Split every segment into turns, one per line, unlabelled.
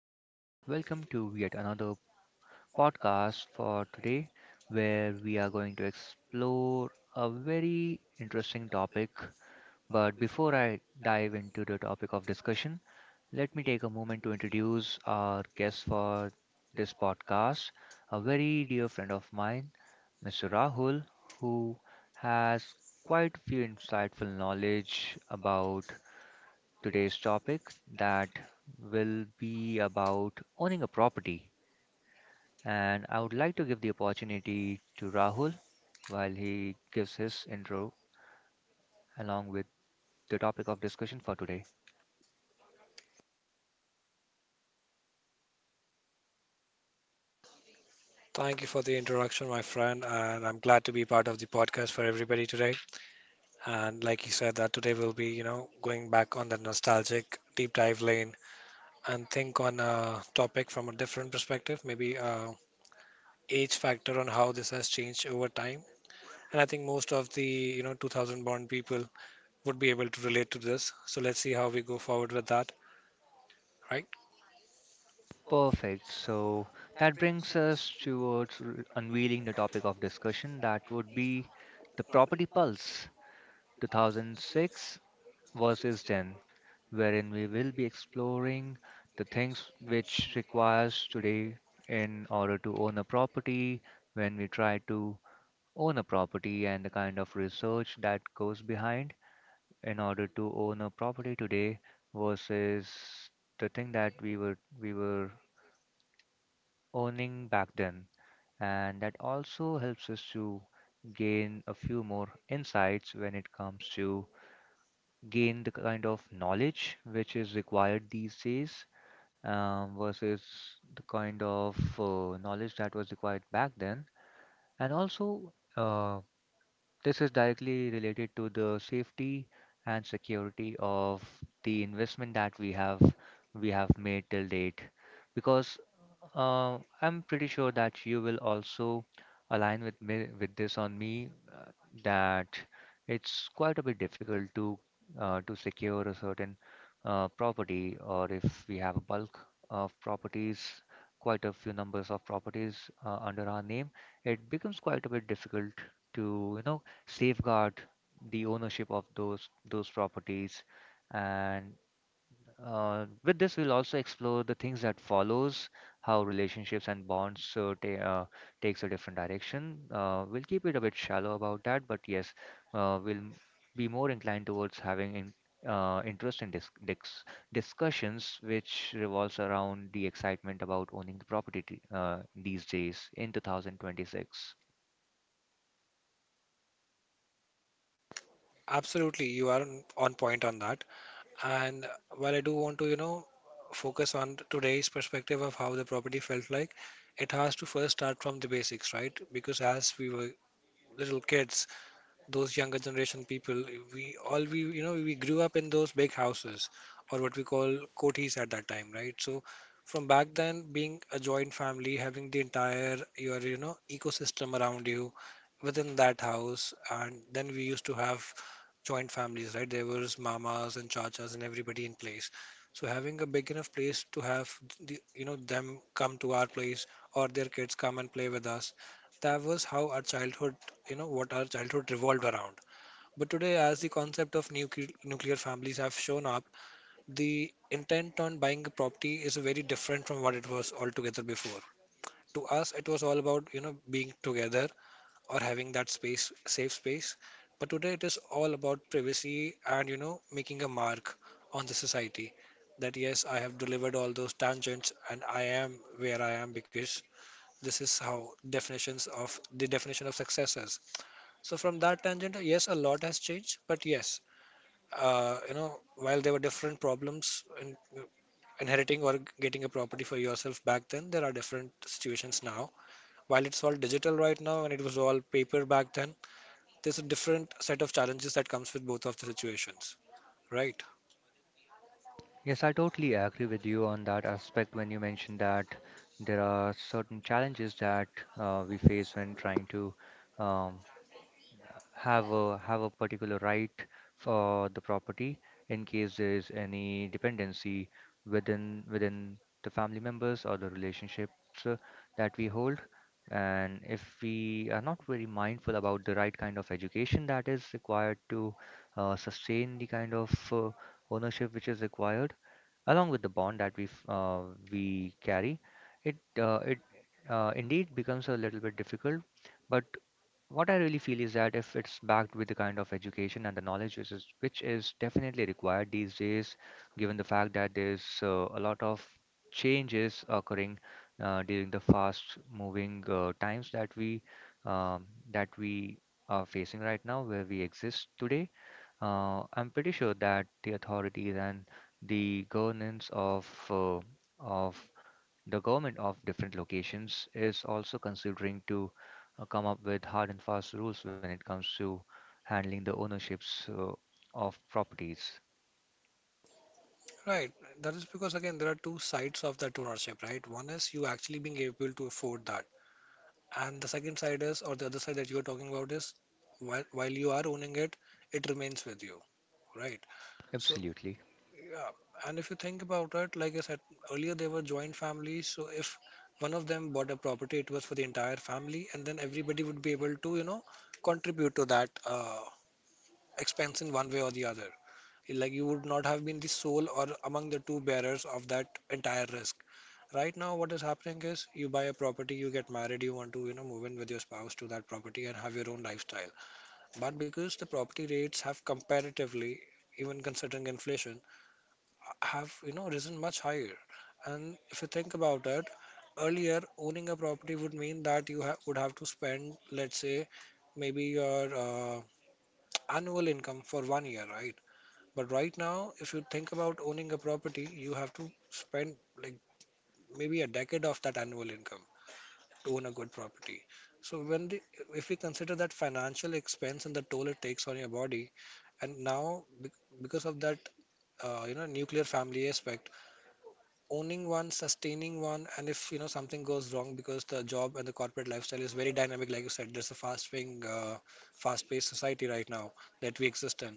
And welcome to yet another podcast for today, where we are going to explore a very interesting topic. But before I dive into the topic of discussion, let me take a moment to introduce our guest for this podcast, a very dear friend of mine, Mr. Rahul, who has quite a few insightful knowledge about today's topic that will be about owning a property. And I would like to give the opportunity to Rahul while he gives his intro along with the topic of discussion for today.
Thank you for the introduction, my friend, and I'm glad to be part of the podcast for everybody today. And like you said, that today we'll be, going back on the nostalgic deep dive lane and think on a topic from a different perspective, maybe age factor on how this has changed over time. And I think most of the, 2000 born people would be able to relate to this. So let's see how we go forward with that, right?
Perfect. So that brings us towards unveiling the topic of discussion that would be the property pulse 2006 versus 10, wherein we will be exploring the things which requires today in order to own a property, when we try to own a property and the kind of research that goes behind in order to own a property today versus the thing that we were owning back then. And that also helps us to gain a few more insights when it comes to gain the kind of knowledge which is required these days, versus the kind of knowledge that was required back then. And also, this is directly related to the safety and security of the investment that we have made till date. Because I'm pretty sure that you will also align with me with this on me, uh, that it's quite a bit difficult to secure a certain property, or if we have a bulk of properties, quite a few numbers of properties under our name, it becomes quite a bit difficult to, you know, safeguard the ownership of those properties. And with this we'll also explore the things that follows how relationships and bonds takes a different direction. We'll keep it a bit shallow about that, but yes, we'll be more inclined towards having in, interest in discussions which revolves around the excitement about owning the property these days in 2026.
Absolutely, you are on point on that. And while I do want to, focus on today's perspective of how the property felt like, it has to first start from the basics, right? Because as we were little kids, those younger generation people, we all we you know we grew up in those big houses or what we call kotis at that time, right? So from back then, being a joint family, having the entire your ecosystem around you within that house, and then we used to have joint families, right? There was mamas and chachas and everybody in place. So having a big enough place to have the, them come to our place or their kids come and play with us, that was how our childhood you know what our childhood revolved around. But today, as the concept of nuclear families have shown up, the intent on buying a property is very different from what it was altogether before. To us, it was all about being together or having that space, safe space. But today, it is all about privacy and making a mark on the society. That yes, I have delivered all those tangents and I am where I am because this is how definition of success is. So from that tangent, yes, a lot has changed. But yes, while there were different problems in inheriting or getting a property for yourself back then, there are different situations now. While it's all digital right now and it was all paper back then, there's a different set of challenges that comes with both of the situations. Right,
Yes, I totally agree with you on that aspect when you mentioned that there are certain challenges that we face when trying to, um, have a particular right for the property in case there is any dependency within the family members or the relationships that we hold. And if we are not very mindful about the right kind of education that is required to sustain the kind of ownership which is required along with the bond that we carry, it indeed becomes a little bit difficult. But what I really feel is that if it's backed with the kind of education and the knowledge which is definitely required these days, given the fact that there's a lot of changes occurring during the fast-moving times that we, um, that we are facing right now, where we exist today. I'm pretty sure that the authorities and the governance of the government of different locations is also considering to come up with hard and fast rules when it comes to handling the ownerships of properties.
right. That is because again, there are two sides of that ownership, right? One is you actually being able to afford that, and the second side is, or the other side that you are talking about is, while you are owning it, it remains with you, right? So,
Absolutely.
yeah, and if you think about it, like I said earlier, they were joint families. So, if one of them bought a property, it was for the entire family, and then everybody would be able to, contribute to that expense in one way or the other. Like, you would not have been the sole or among the two bearers of that entire risk. Right now, what is happening is you buy a property, you get married, you want to, move in with your spouse to that property and have your own lifestyle. But because the property rates have comparatively, even considering inflation, have risen much higher. And if you think about it, earlier owning a property would mean that would have to spend, let's say, maybe your annual income for 1 year, right? But right now, if you think about owning a property, you have to spend like maybe a decade of that annual income to own a good property. So if we consider that financial expense and the toll it takes on your body, and now because of that nuclear family aspect, owning one, sustaining one, and if something goes wrong because the job and the corporate lifestyle is very dynamic, like you said, there's a fast-paced society right now that we exist in.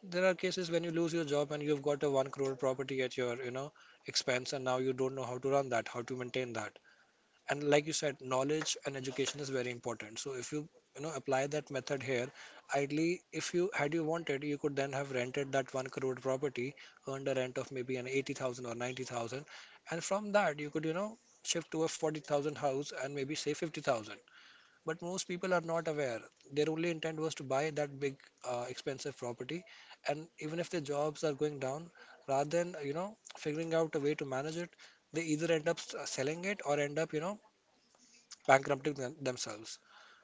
There are cases when you lose your job and you've got a one crore property at your expense, and now you don't know how to run that, how to maintain that. And like you said, knowledge and education is very important. So if you you know apply that method here, ideally, if you wanted, you could then have rented that 1 crore property, earned a rent of maybe an 80,000 or 90,000, and from that you could, shift to a 40,000 house and maybe say 50,000. But most people are not aware. Their only intent was to buy that big expensive property. And even if their jobs are going down, rather than figuring out a way to manage it, they either selling it or end up, bankrupting themselves.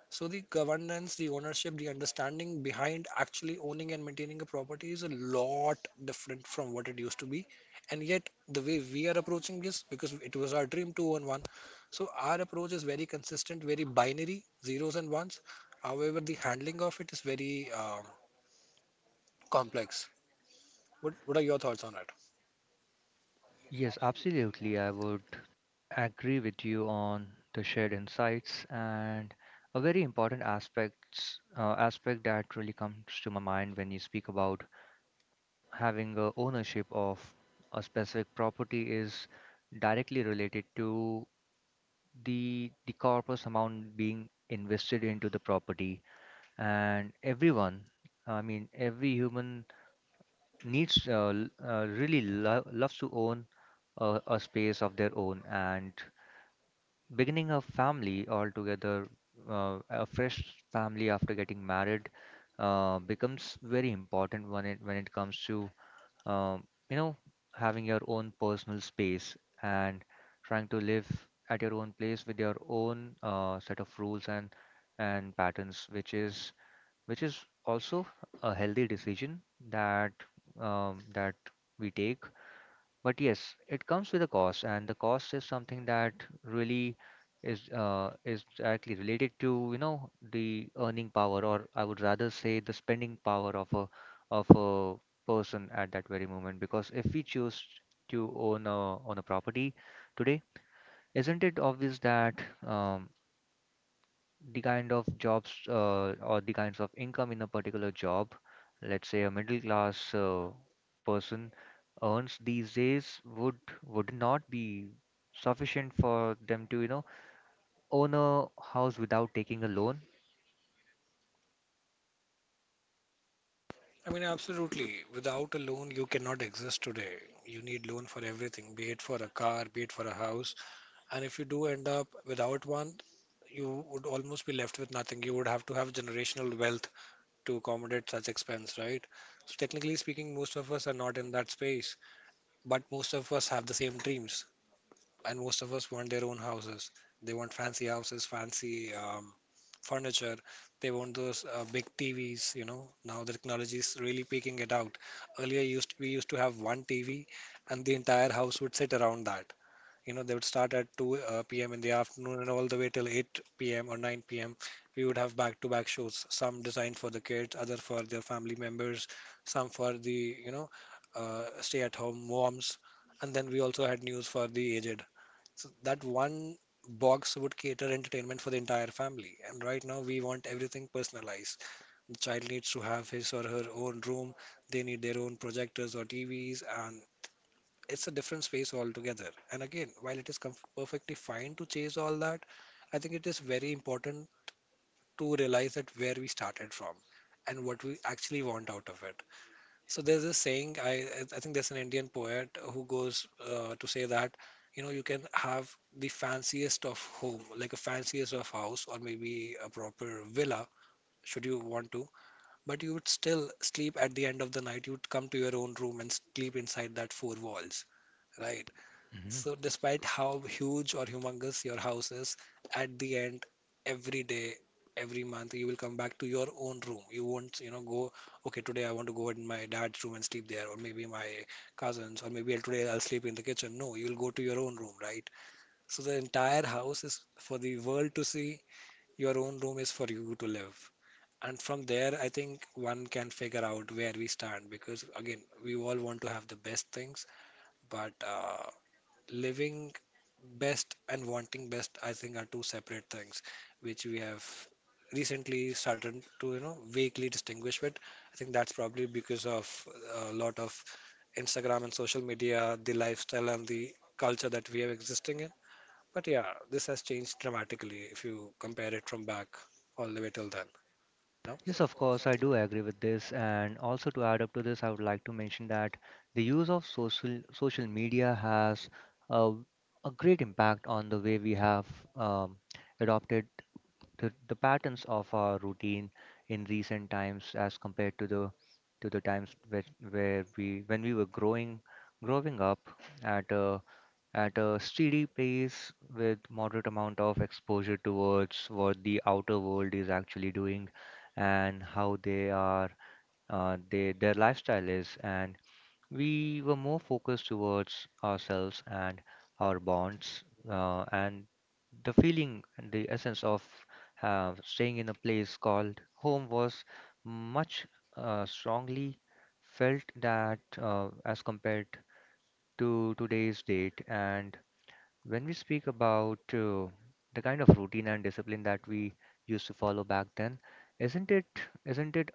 So the governance, the ownership, the understanding behind actually owning and maintaining a property is a lot different from what it used to be. And yet, the way we are approaching this, because it was our dream to own one, so our approach is very consistent, very binary, zeros and ones. However, the handling of it is very complex. What are your thoughts on it?
Yes, absolutely. I would agree with you on the shared insights, and a very important aspect that really comes to my mind when you speak about having a ownership of a specific property is directly related to the corpus amount being invested into the property. And everyone, I mean every human needs really loves to own a space of their own, and beginning a family altogether, a fresh family after getting married becomes very important when it comes to, um, you know, having your own personal space and trying to live at your own place with your own set of rules and patterns, which is also a healthy decision that, um, that we take. But yes, it comes with a cost, and the cost is something that really is, is directly related to, you know, the earning power, or I would rather say the spending power of a person at that very moment. Because if we choose to own a property today, isn't it obvious that, um, the kind of jobs, or the kinds of income in a particular job, let's say a middle class person earns these days, would not be sufficient for them to, you know, own a house without taking a loan.
I mean, absolutely. Without a loan, you cannot exist today. You need loan for everything, be it for a car, be it for a house. And if you do end up without one, you would almost be left with nothing. You would have to have generational wealth to accommodate such expense, right? So technically speaking, most of us are not in that space, but most of us have the same dreams, and most of us want their own houses. They want fancy houses, fancy furniture. They want those big TVs, you know. Now the technology is really picking it out. Earlier used we used to have one TV, and the entire house would sit around that. You know, they would start at 2 p.m. in the afternoon and all the way till 8 p.m. or 9 p.m. We would have back-to-back shows, some designed for the kids, other for their family members, some for the, stay-at-home moms. And then we also had news for the aged. So that one box would cater entertainment for the entire family. And right now, we want everything personalized. The child needs to have his or her own room. They need their own projectors or TVs, and it's a different space altogether. And again, while it is comf perfectly fine to chase all that, I think it is very important to realize that where we started from and what we actually want out of it. So there's this saying, I think there's an Indian poet who goes to say that, you know, you can have the fanciest of home, like a fanciest of house or maybe a proper villa, should you want to, but you would still sleep at the end of the night. You would come to your own room and sleep inside that four walls. Right. So, despite how huge or humongous your house is, at the end, every day, every month, you will come back to your own room. You won't, go, okay, today I want to go in my dad's room and sleep there, or maybe my cousin's, or maybe today I'll sleep in the kitchen. No, you'll go to your own room, right? So, the entire house is for the world to see, your own room is for you to live. And from there, I think one can figure out where we stand because, again, we all want to have the best things, but living best and wanting best, I think, are two separate things, which we have recently started to, vaguely distinguish with. I think that's probably because of a lot of Instagram and social media, the lifestyle and the culture that we are existing in. But yeah, this has changed dramatically if you compare it from back all the way till then. No?
Yes, of course, I do agree with this. And also to add up to this, I would like to mention that the use of social media has a, a great impact on the way we have, um, adopted the patterns of our routine in recent times as compared to the times where we when we were growing up at a at a steady pace with moderate amount of exposure towards what the outer world is actually doing and how they are they their lifestyle is. And we were more focused towards ourselves and our bonds, and the feeling and the essence of staying in a place called home was much strongly felt that as compared to today's date. And when we speak about the kind of routine and discipline that we used to follow back then, isn't it isn't it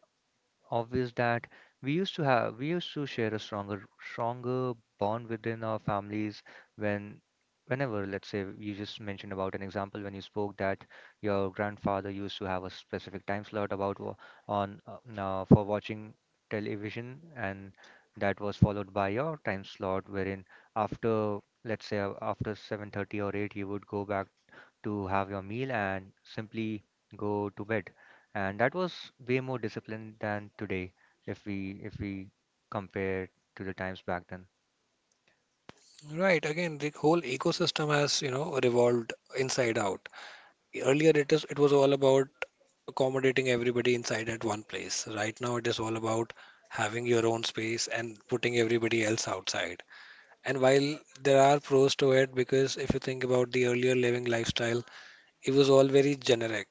obvious that we used to share a stronger bond within our families when, whenever, let's say you just mentioned about an example when you spoke that your grandfather used to have a specific time slot about wa- on now for watching television, and that was followed by your time slot wherein after, let's say, after 7:30 or 8, you would go back to have your meal and simply go to bed. And that was way more disciplined than today, if we if we compare to the times back then.
Right. Again, the whole ecosystem has, revolved inside out. Earlier, it was all about accommodating everybody inside at one place. Right now, it is all about having your own space and putting everybody else outside. And while there are pros to it, because if you think about the earlier living lifestyle, it was all very generic.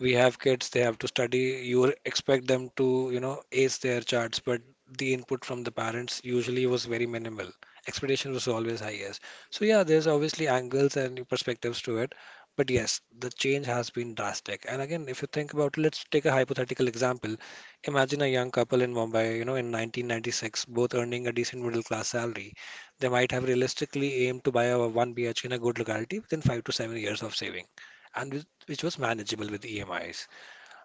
We have kids, they have to study. You expect them to, ace their charts, but the input from the parents usually was very minimal. Expectation was always high, yes. So yeah, there's obviously angles and perspectives to it. But yes, the change has been drastic. And again, if you think about, let's take a hypothetical example. Imagine a young couple in Mumbai, you know, in 1996, both earning a decent middle class salary. They might have realistically aimed to buy a 1 BHK in a good locality within 5 to 7 years of saving and which was manageable with EMIs.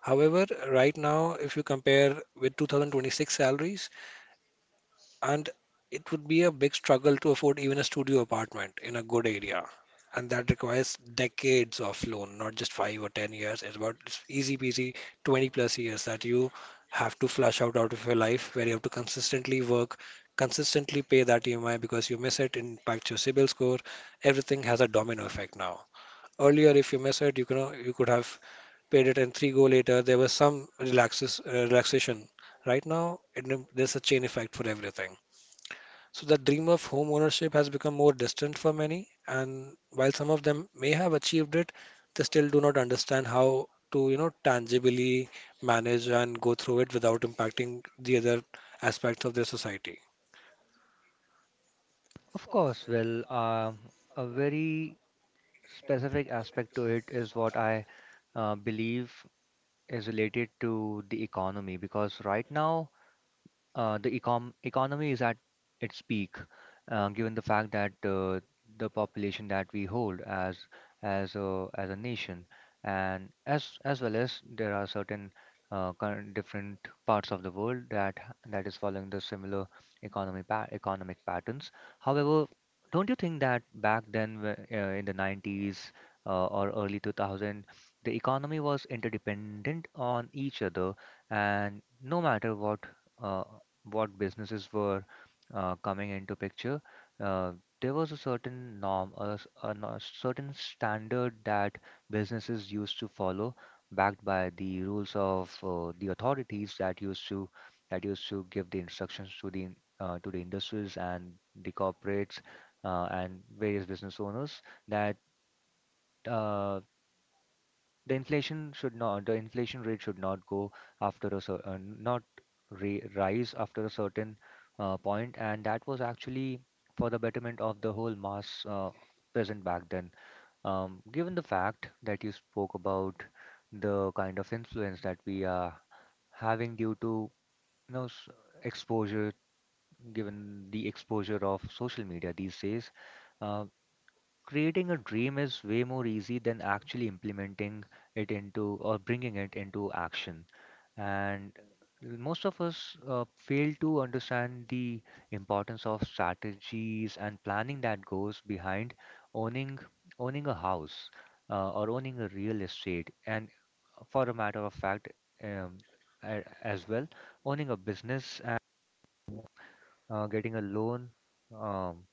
However, right now, if you compare with 2026 salaries, and it would be a big struggle to afford even a studio apartment in a good area. And that requires decades of loan, not just 5 or 10 years. It's easy peasy 20 plus years that you have to flush out of your life, where you have to consistently work, consistently pay that EMI because you miss it, it impacts your CIBIL score. Everything has a domino effect now. Earlier, if you miss it, you could have paid it and three go later there was some relaxation. Right now there's a chain effect for everything. So the dream of home ownership has become more distant for many, and while some of them may have achieved it, they still do not understand how to, you know, tangibly manage and go through it without impacting the other aspects of their society.
Of course, well, a very specific aspect to it is what I believe is related to the economy. Because right now, the ecom economy is at its peak, given the fact that the population that we hold as a nation, and as well as there are certain current different parts of the world that that is following the similar economy pa economic patterns. However, don't you think that back then, in the 90s, or early 2000, the economy was interdependent on each other, and no matter what. Uh, what businesses were coming into picture, uh, there was a certain norm, a, certain standard that businesses used to follow, backed by the rules of the authorities that used to give the instructions to to the industries and the corporates, and various business owners that. Uh, the inflation rate should not go after a cer- not re- rise after a certain point, and that was actually for the betterment of the whole mass present back then. Given the fact that you spoke about the kind of influence that we are having due to, you know, s- exposure given the exposure of social media these days, uh, creating a dream is way more easy than actually implementing it into or bringing it into action. And most of us fail to understand the importance of strategies and planning that goes behind owning owning a house, or owning a real estate, and for a matter of fact, as well owning a business and uh, getting a loan um,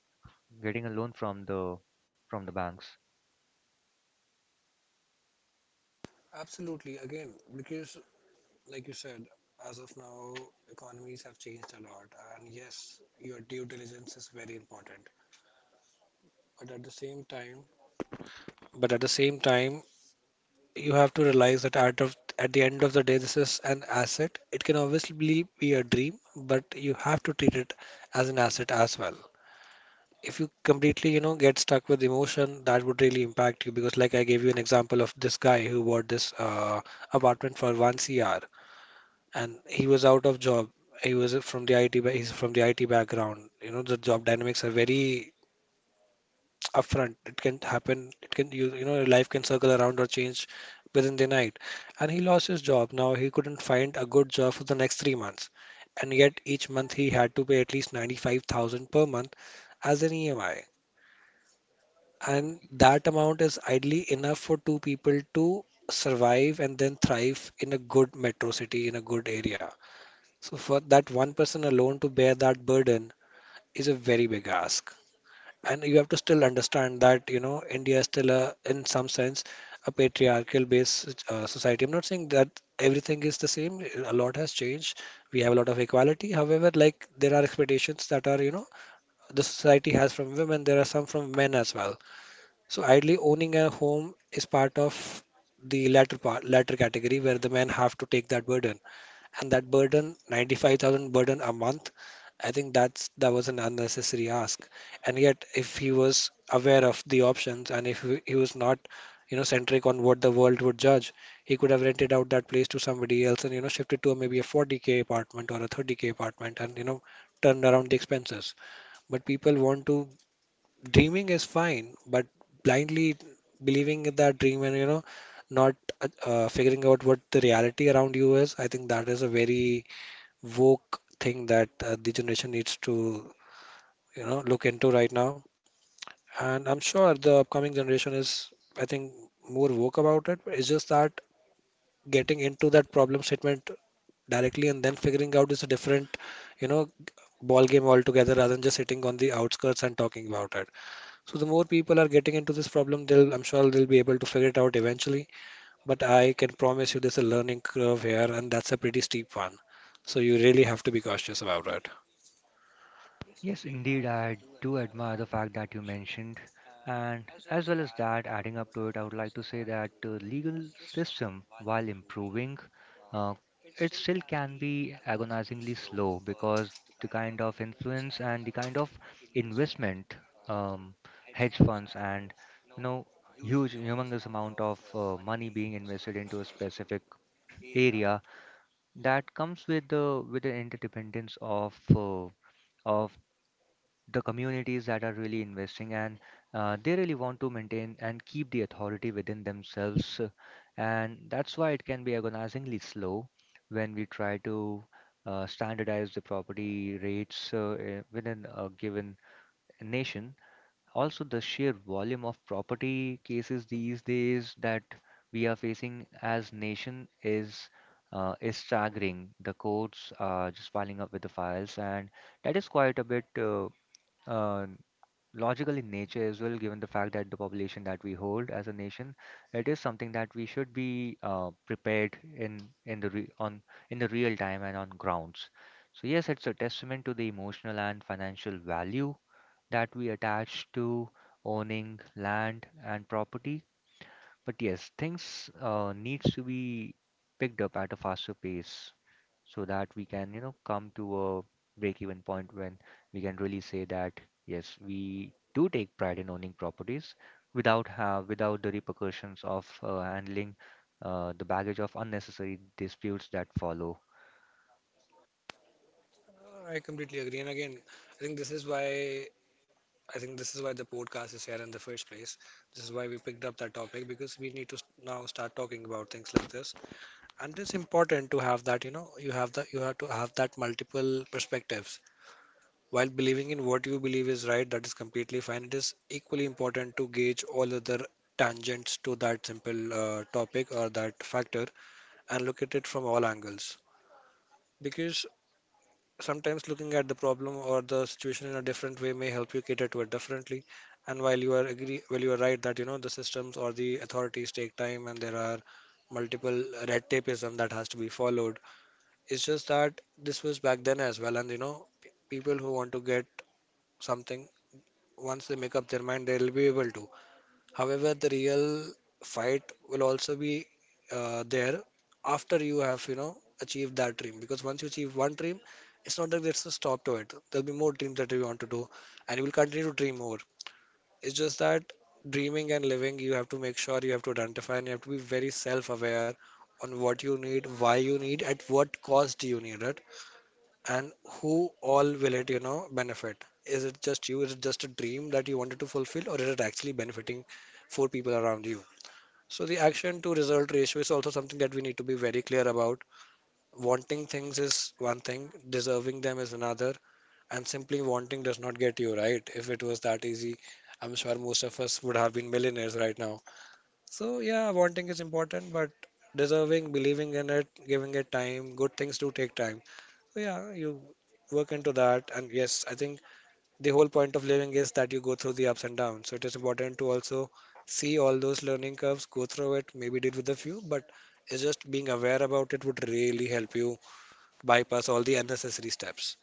getting a loan from the banks.
Absolutely. Again, because like you said, as of now, economies have changed a lot, and yes, your due diligence is very important. But at the same time but at the same time you have to realize that at the end of the day, this is an asset. It can obviously be a dream, but you have to treat it as an asset as well. If you completely, you know, get stuck with emotion, that would really impact you, because like I gave you an example of this guy who bought this apartment for 1 cr, and he was out of job. He's from the IT background. You know, the job dynamics are very upfront. It can happen. It can you you know Life can circle around or change within the night. And he lost his job. Now he couldn't find a good job for the next 3 months. And yet each month he had to pay at least 95,000 per month as an EMI. And that amount is idly enough for two people to survive and then thrive in a good metro city, in a good area. So for that one person alone to bear that burden is a very big ask, and you have to still understand that, you know, India is still in some sense a patriarchal based society. I'm not saying that everything is the same. A lot has changed. We have a lot of equality. However, like, there are expectations that are, you know, the society has from women. There are some from men as well. So ideally, owning a home is part of the latter category, where the men have to take that burden. And that burden, 95,000 burden a month, I think that was an unnecessary ask. And yet if he was aware of the options, and if he was not, you know, centric on what the world would judge, he could have rented out that place to somebody else and, you know, shifted to maybe a 40K apartment or a 30K apartment, and, you know, turned around the expenses. But people want to Dreaming is fine, but blindly believing in that dream and, you know, not figuring out what the reality around you is, I think that is a very woke thing that the generation needs to, you know, look into right now. And I'm sure the upcoming generation is, I think, more woke about it. It's just that getting into that problem statement directly and then figuring out is a different, you know, ball game altogether, rather than just sitting on the outskirts and talking about it. So the more people are getting into this problem, I'm sure they'll be able to figure it out eventually. But I can promise you, there's a learning curve here, and that's a pretty steep one. So you really have to be cautious about it.
Yes, indeed, I do admire the fact that you mentioned. And as well as that, adding up to it, I would like to say that the legal system, while improving, uh, it still can be agonizingly slow because the kind of influence and the kind of investment, um, hedge funds, and you know, huge, humongous amount of money being invested into a specific area that comes with the interdependence of of the communities that are really investing, and they really want to maintain and keep the authority within themselves, and that's why it can be agonizingly slow when we try to standardize the property rates, within a given nation. Also, the sheer volume of property cases these days that we are facing as nation is, is staggering. The courts are just piling up with the files, and that is quite a bit uh, logical in nature as well, given the fact that the population that we hold as a nation, it is something that we should be prepared in the re on in the real time and on grounds. So yes, it's a testament to the emotional and financial value that we attach to owning land and property. But yes, things needs to be picked up at a faster pace so that we can, you know, come to a break-even point when we can really say that yes, we do take pride in owning properties without the repercussions of handling the baggage of unnecessary disputes that follow.
I completely agree. And again, I think this is why I think this is why the podcast is here in the first place. This is why we picked up that topic, because we need to now start talking about things like this. And it's important to have that, you know, you have to have that multiple perspectives. While believing in what you believe is right, that is completely fine. It is equally important to gauge all other tangents to that simple topic or that factor, and look at it from all angles. Because sometimes looking at the problem or the situation in a different way may help you cater to it differently. And while you are right that, you know, the systems or the authorities take time, and there are multiple red tapeism that has to be followed. It's just that this was back then as well, and, you know, people who want to get something, once they make up their mind, they'll be able to. However, the real fight will also be there after you have, you know, achieved that dream. Because once you achieve one dream, it's not that there's a stop to it. There'll be more dreams that you want to do, and you will continue to dream more. It's just that dreaming and living, you have to make sure, you have to identify, and you have to be very self-aware on what you need, why you need, at what cost do you need it, and who all will it, you know, benefit. Is it just you? Is it just a dream that you wanted to fulfill, or is it actually benefiting four people around you? So the action to result ratio is also something that we need to be very clear about. Wanting things is one thing, deserving them is another, and simply wanting does not get you right. If it was that easy, I'm sure most of us would have been millionaires right now. So yeah, wanting is important, but deserving, believing in it, giving it time, good things do take time. So yeah, you work into that, and yes, I think the whole point of living is that you go through the ups and downs. So it is important to also see all those learning curves, go through it, maybe deal with a few, but it's just being aware about it would really help you bypass all the unnecessary steps.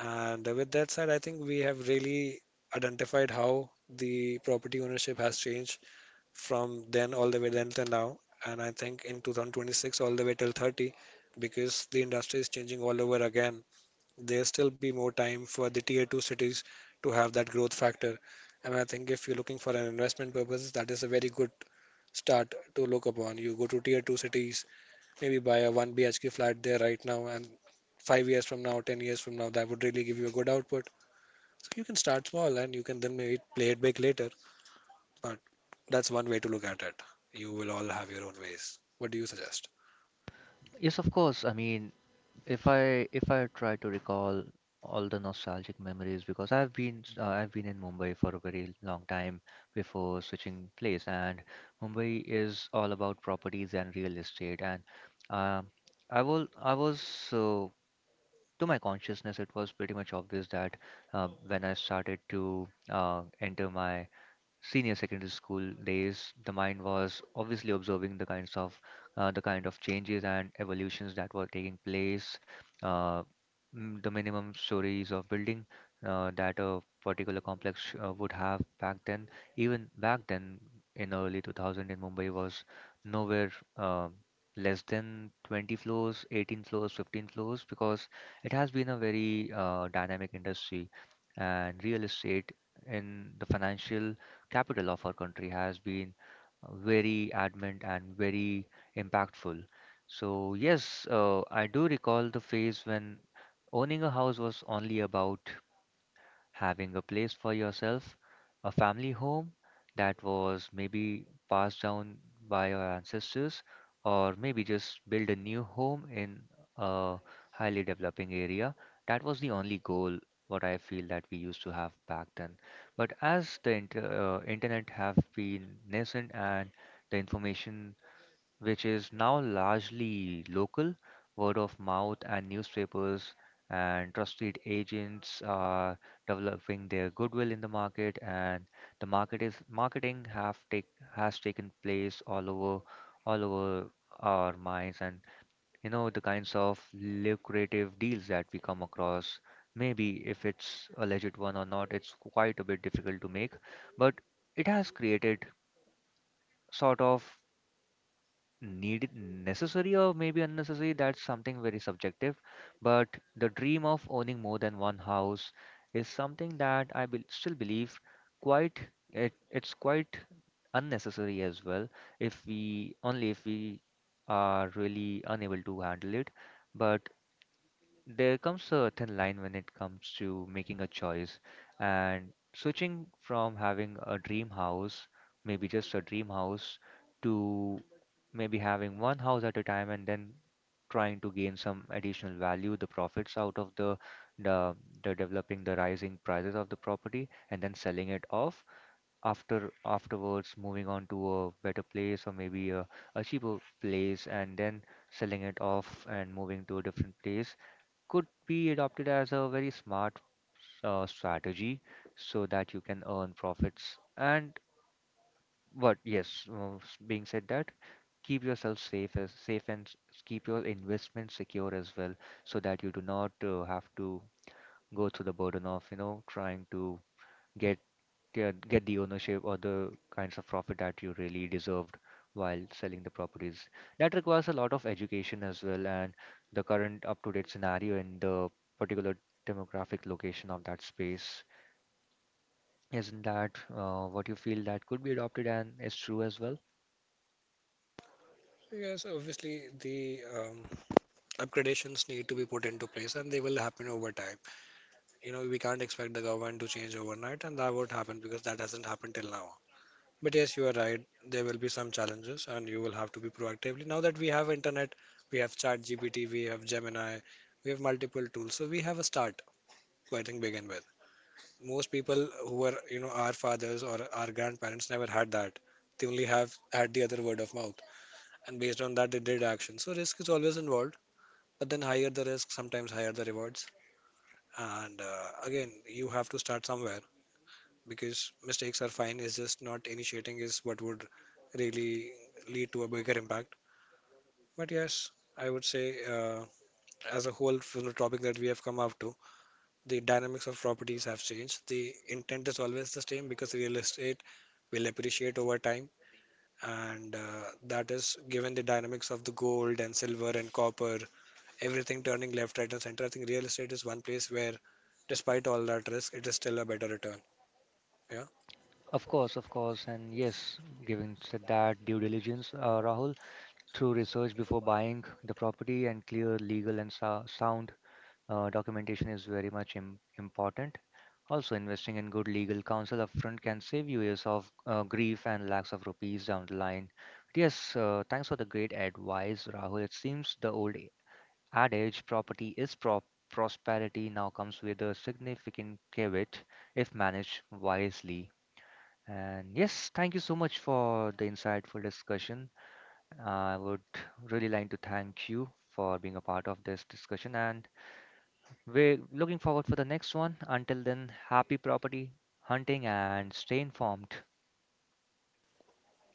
And with that said, I think we have really identified how the property ownership has changed from then all the way then till now. And I think in 2026, all the way till 30, because the industry is changing all over again, there still be more time for the tier two cities to have that growth factor. And I think if you're looking for an investment purpose, that is a very good start to look upon. You go to tier two cities, maybe buy a 1 BHK flat there right now, and 5 years from now, 10 years from now, that would really give you a good output. So you can start small, and you can then maybe play it big later. But that's one way to look at it. You will all have your own ways. What do you suggest?
Yes, of course. I mean, if I try to recall all the nostalgic memories, because I've been in Mumbai for a very long time before switching place, and Mumbai is all about properties and real estate, and um I was so, to my consciousness, it was pretty much obvious that when I started to enter my senior secondary school days, the mind was obviously observing the kinds of the kind of changes and evolutions that were taking place, uh, the minimum stories of building that a particular complex would have back then. Even back then, in early 2000 in Mumbai was nowhere uh, less than 20 floors, 18 floors, 15 floors, because it has been a very dynamic industry, and real estate in the financial capital of our country has been very adamant and very impactful. So, yes, I do recall the phase when owning a house was only about having a place for yourself, a family home that was maybe passed down by your ancestors, or maybe just build a new home in a highly developing area. That was the only goal what I feel that we used to have back then. But as the internet have been nascent, and the information which is now largely local, word of mouth, and newspapers and trusted agents are developing their goodwill in the market, and the marketing have take has taken place all over our minds, and you know the kinds of lucrative deals that we come across. Maybe if it's a legit one or not, it's quite a bit difficult to make, but it has created sort of needed necessary or maybe unnecessary, that's something very subjective, but the dream of owning more than one house is something that I bel still believe quite, it's quite unnecessary as well, if we are really unable to handle it. But there comes a thin line when it comes to making a choice and switching from having a dream house, maybe just a dream house, to maybe having one house at a time and then trying to gain some additional value, the profits out of the, the developing, the rising prices of the property, and then selling it off afterwards, moving on to a better place, or maybe a cheaper place, and then selling it off and moving to a different place could be adopted as a very smart strategy so that you can earn profits. And but yes, being said that, keep yourself safe, and keep your investments secure as well, so that you do not have to go through the burden of, you know, trying to get get the ownership or the kinds of profit that you really deserved while selling the properties. That requires a lot of education as well, and the current up-to-date scenario in the particular demographic location of that space. Isn't that what you feel that could be adopted and is true as well?
Yes, obviously the upgradations need to be put into place, and they will happen over time. You know, we can't expect the government to change overnight, and that won't happen because that hasn't happened till now. But yes, you are right. There will be some challenges, and you will have to be proactively. Now that we have internet, we have ChatGPT, we have Gemini, we have multiple tools, so we have a start to, I think, begin with. Most people who are, you know, our fathers or our grandparents never had that. They only have had the other word of mouth, and based on that they did action. So risk is always involved, but then higher the risk, sometimes higher the rewards. And again, you have to start somewhere. Because mistakes are fine. It's just not initiating is what would really lead to a bigger impact. But yes, I would say, as a whole from the topic that we have come up to, the dynamics of properties have changed. The intent is always the same, because real estate will appreciate over time. And that is given the dynamics of the gold and silver and copper, everything turning left, right, and center. I think real estate is one place where, despite all that risk, it is still a better return. Yeah.
Of course, and yes, given said that due diligence, Rahul, through research before buying the property and clear legal and sound documentation is very much important. Also, investing in good legal counsel upfront can save you years of grief and lakhs of rupees down the line. But yes, thanks for the great advice, Rahul. It seems the old adage, property is prop prosperity, now comes with a significant caveat if managed wisely. And yes, thank you so much for the insightful discussion. I would really like to thank you for being a part of this discussion, and we're looking forward for the next one. Until then, happy property hunting and stay informed.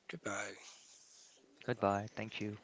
Goodbye.
Goodbye. Thank you.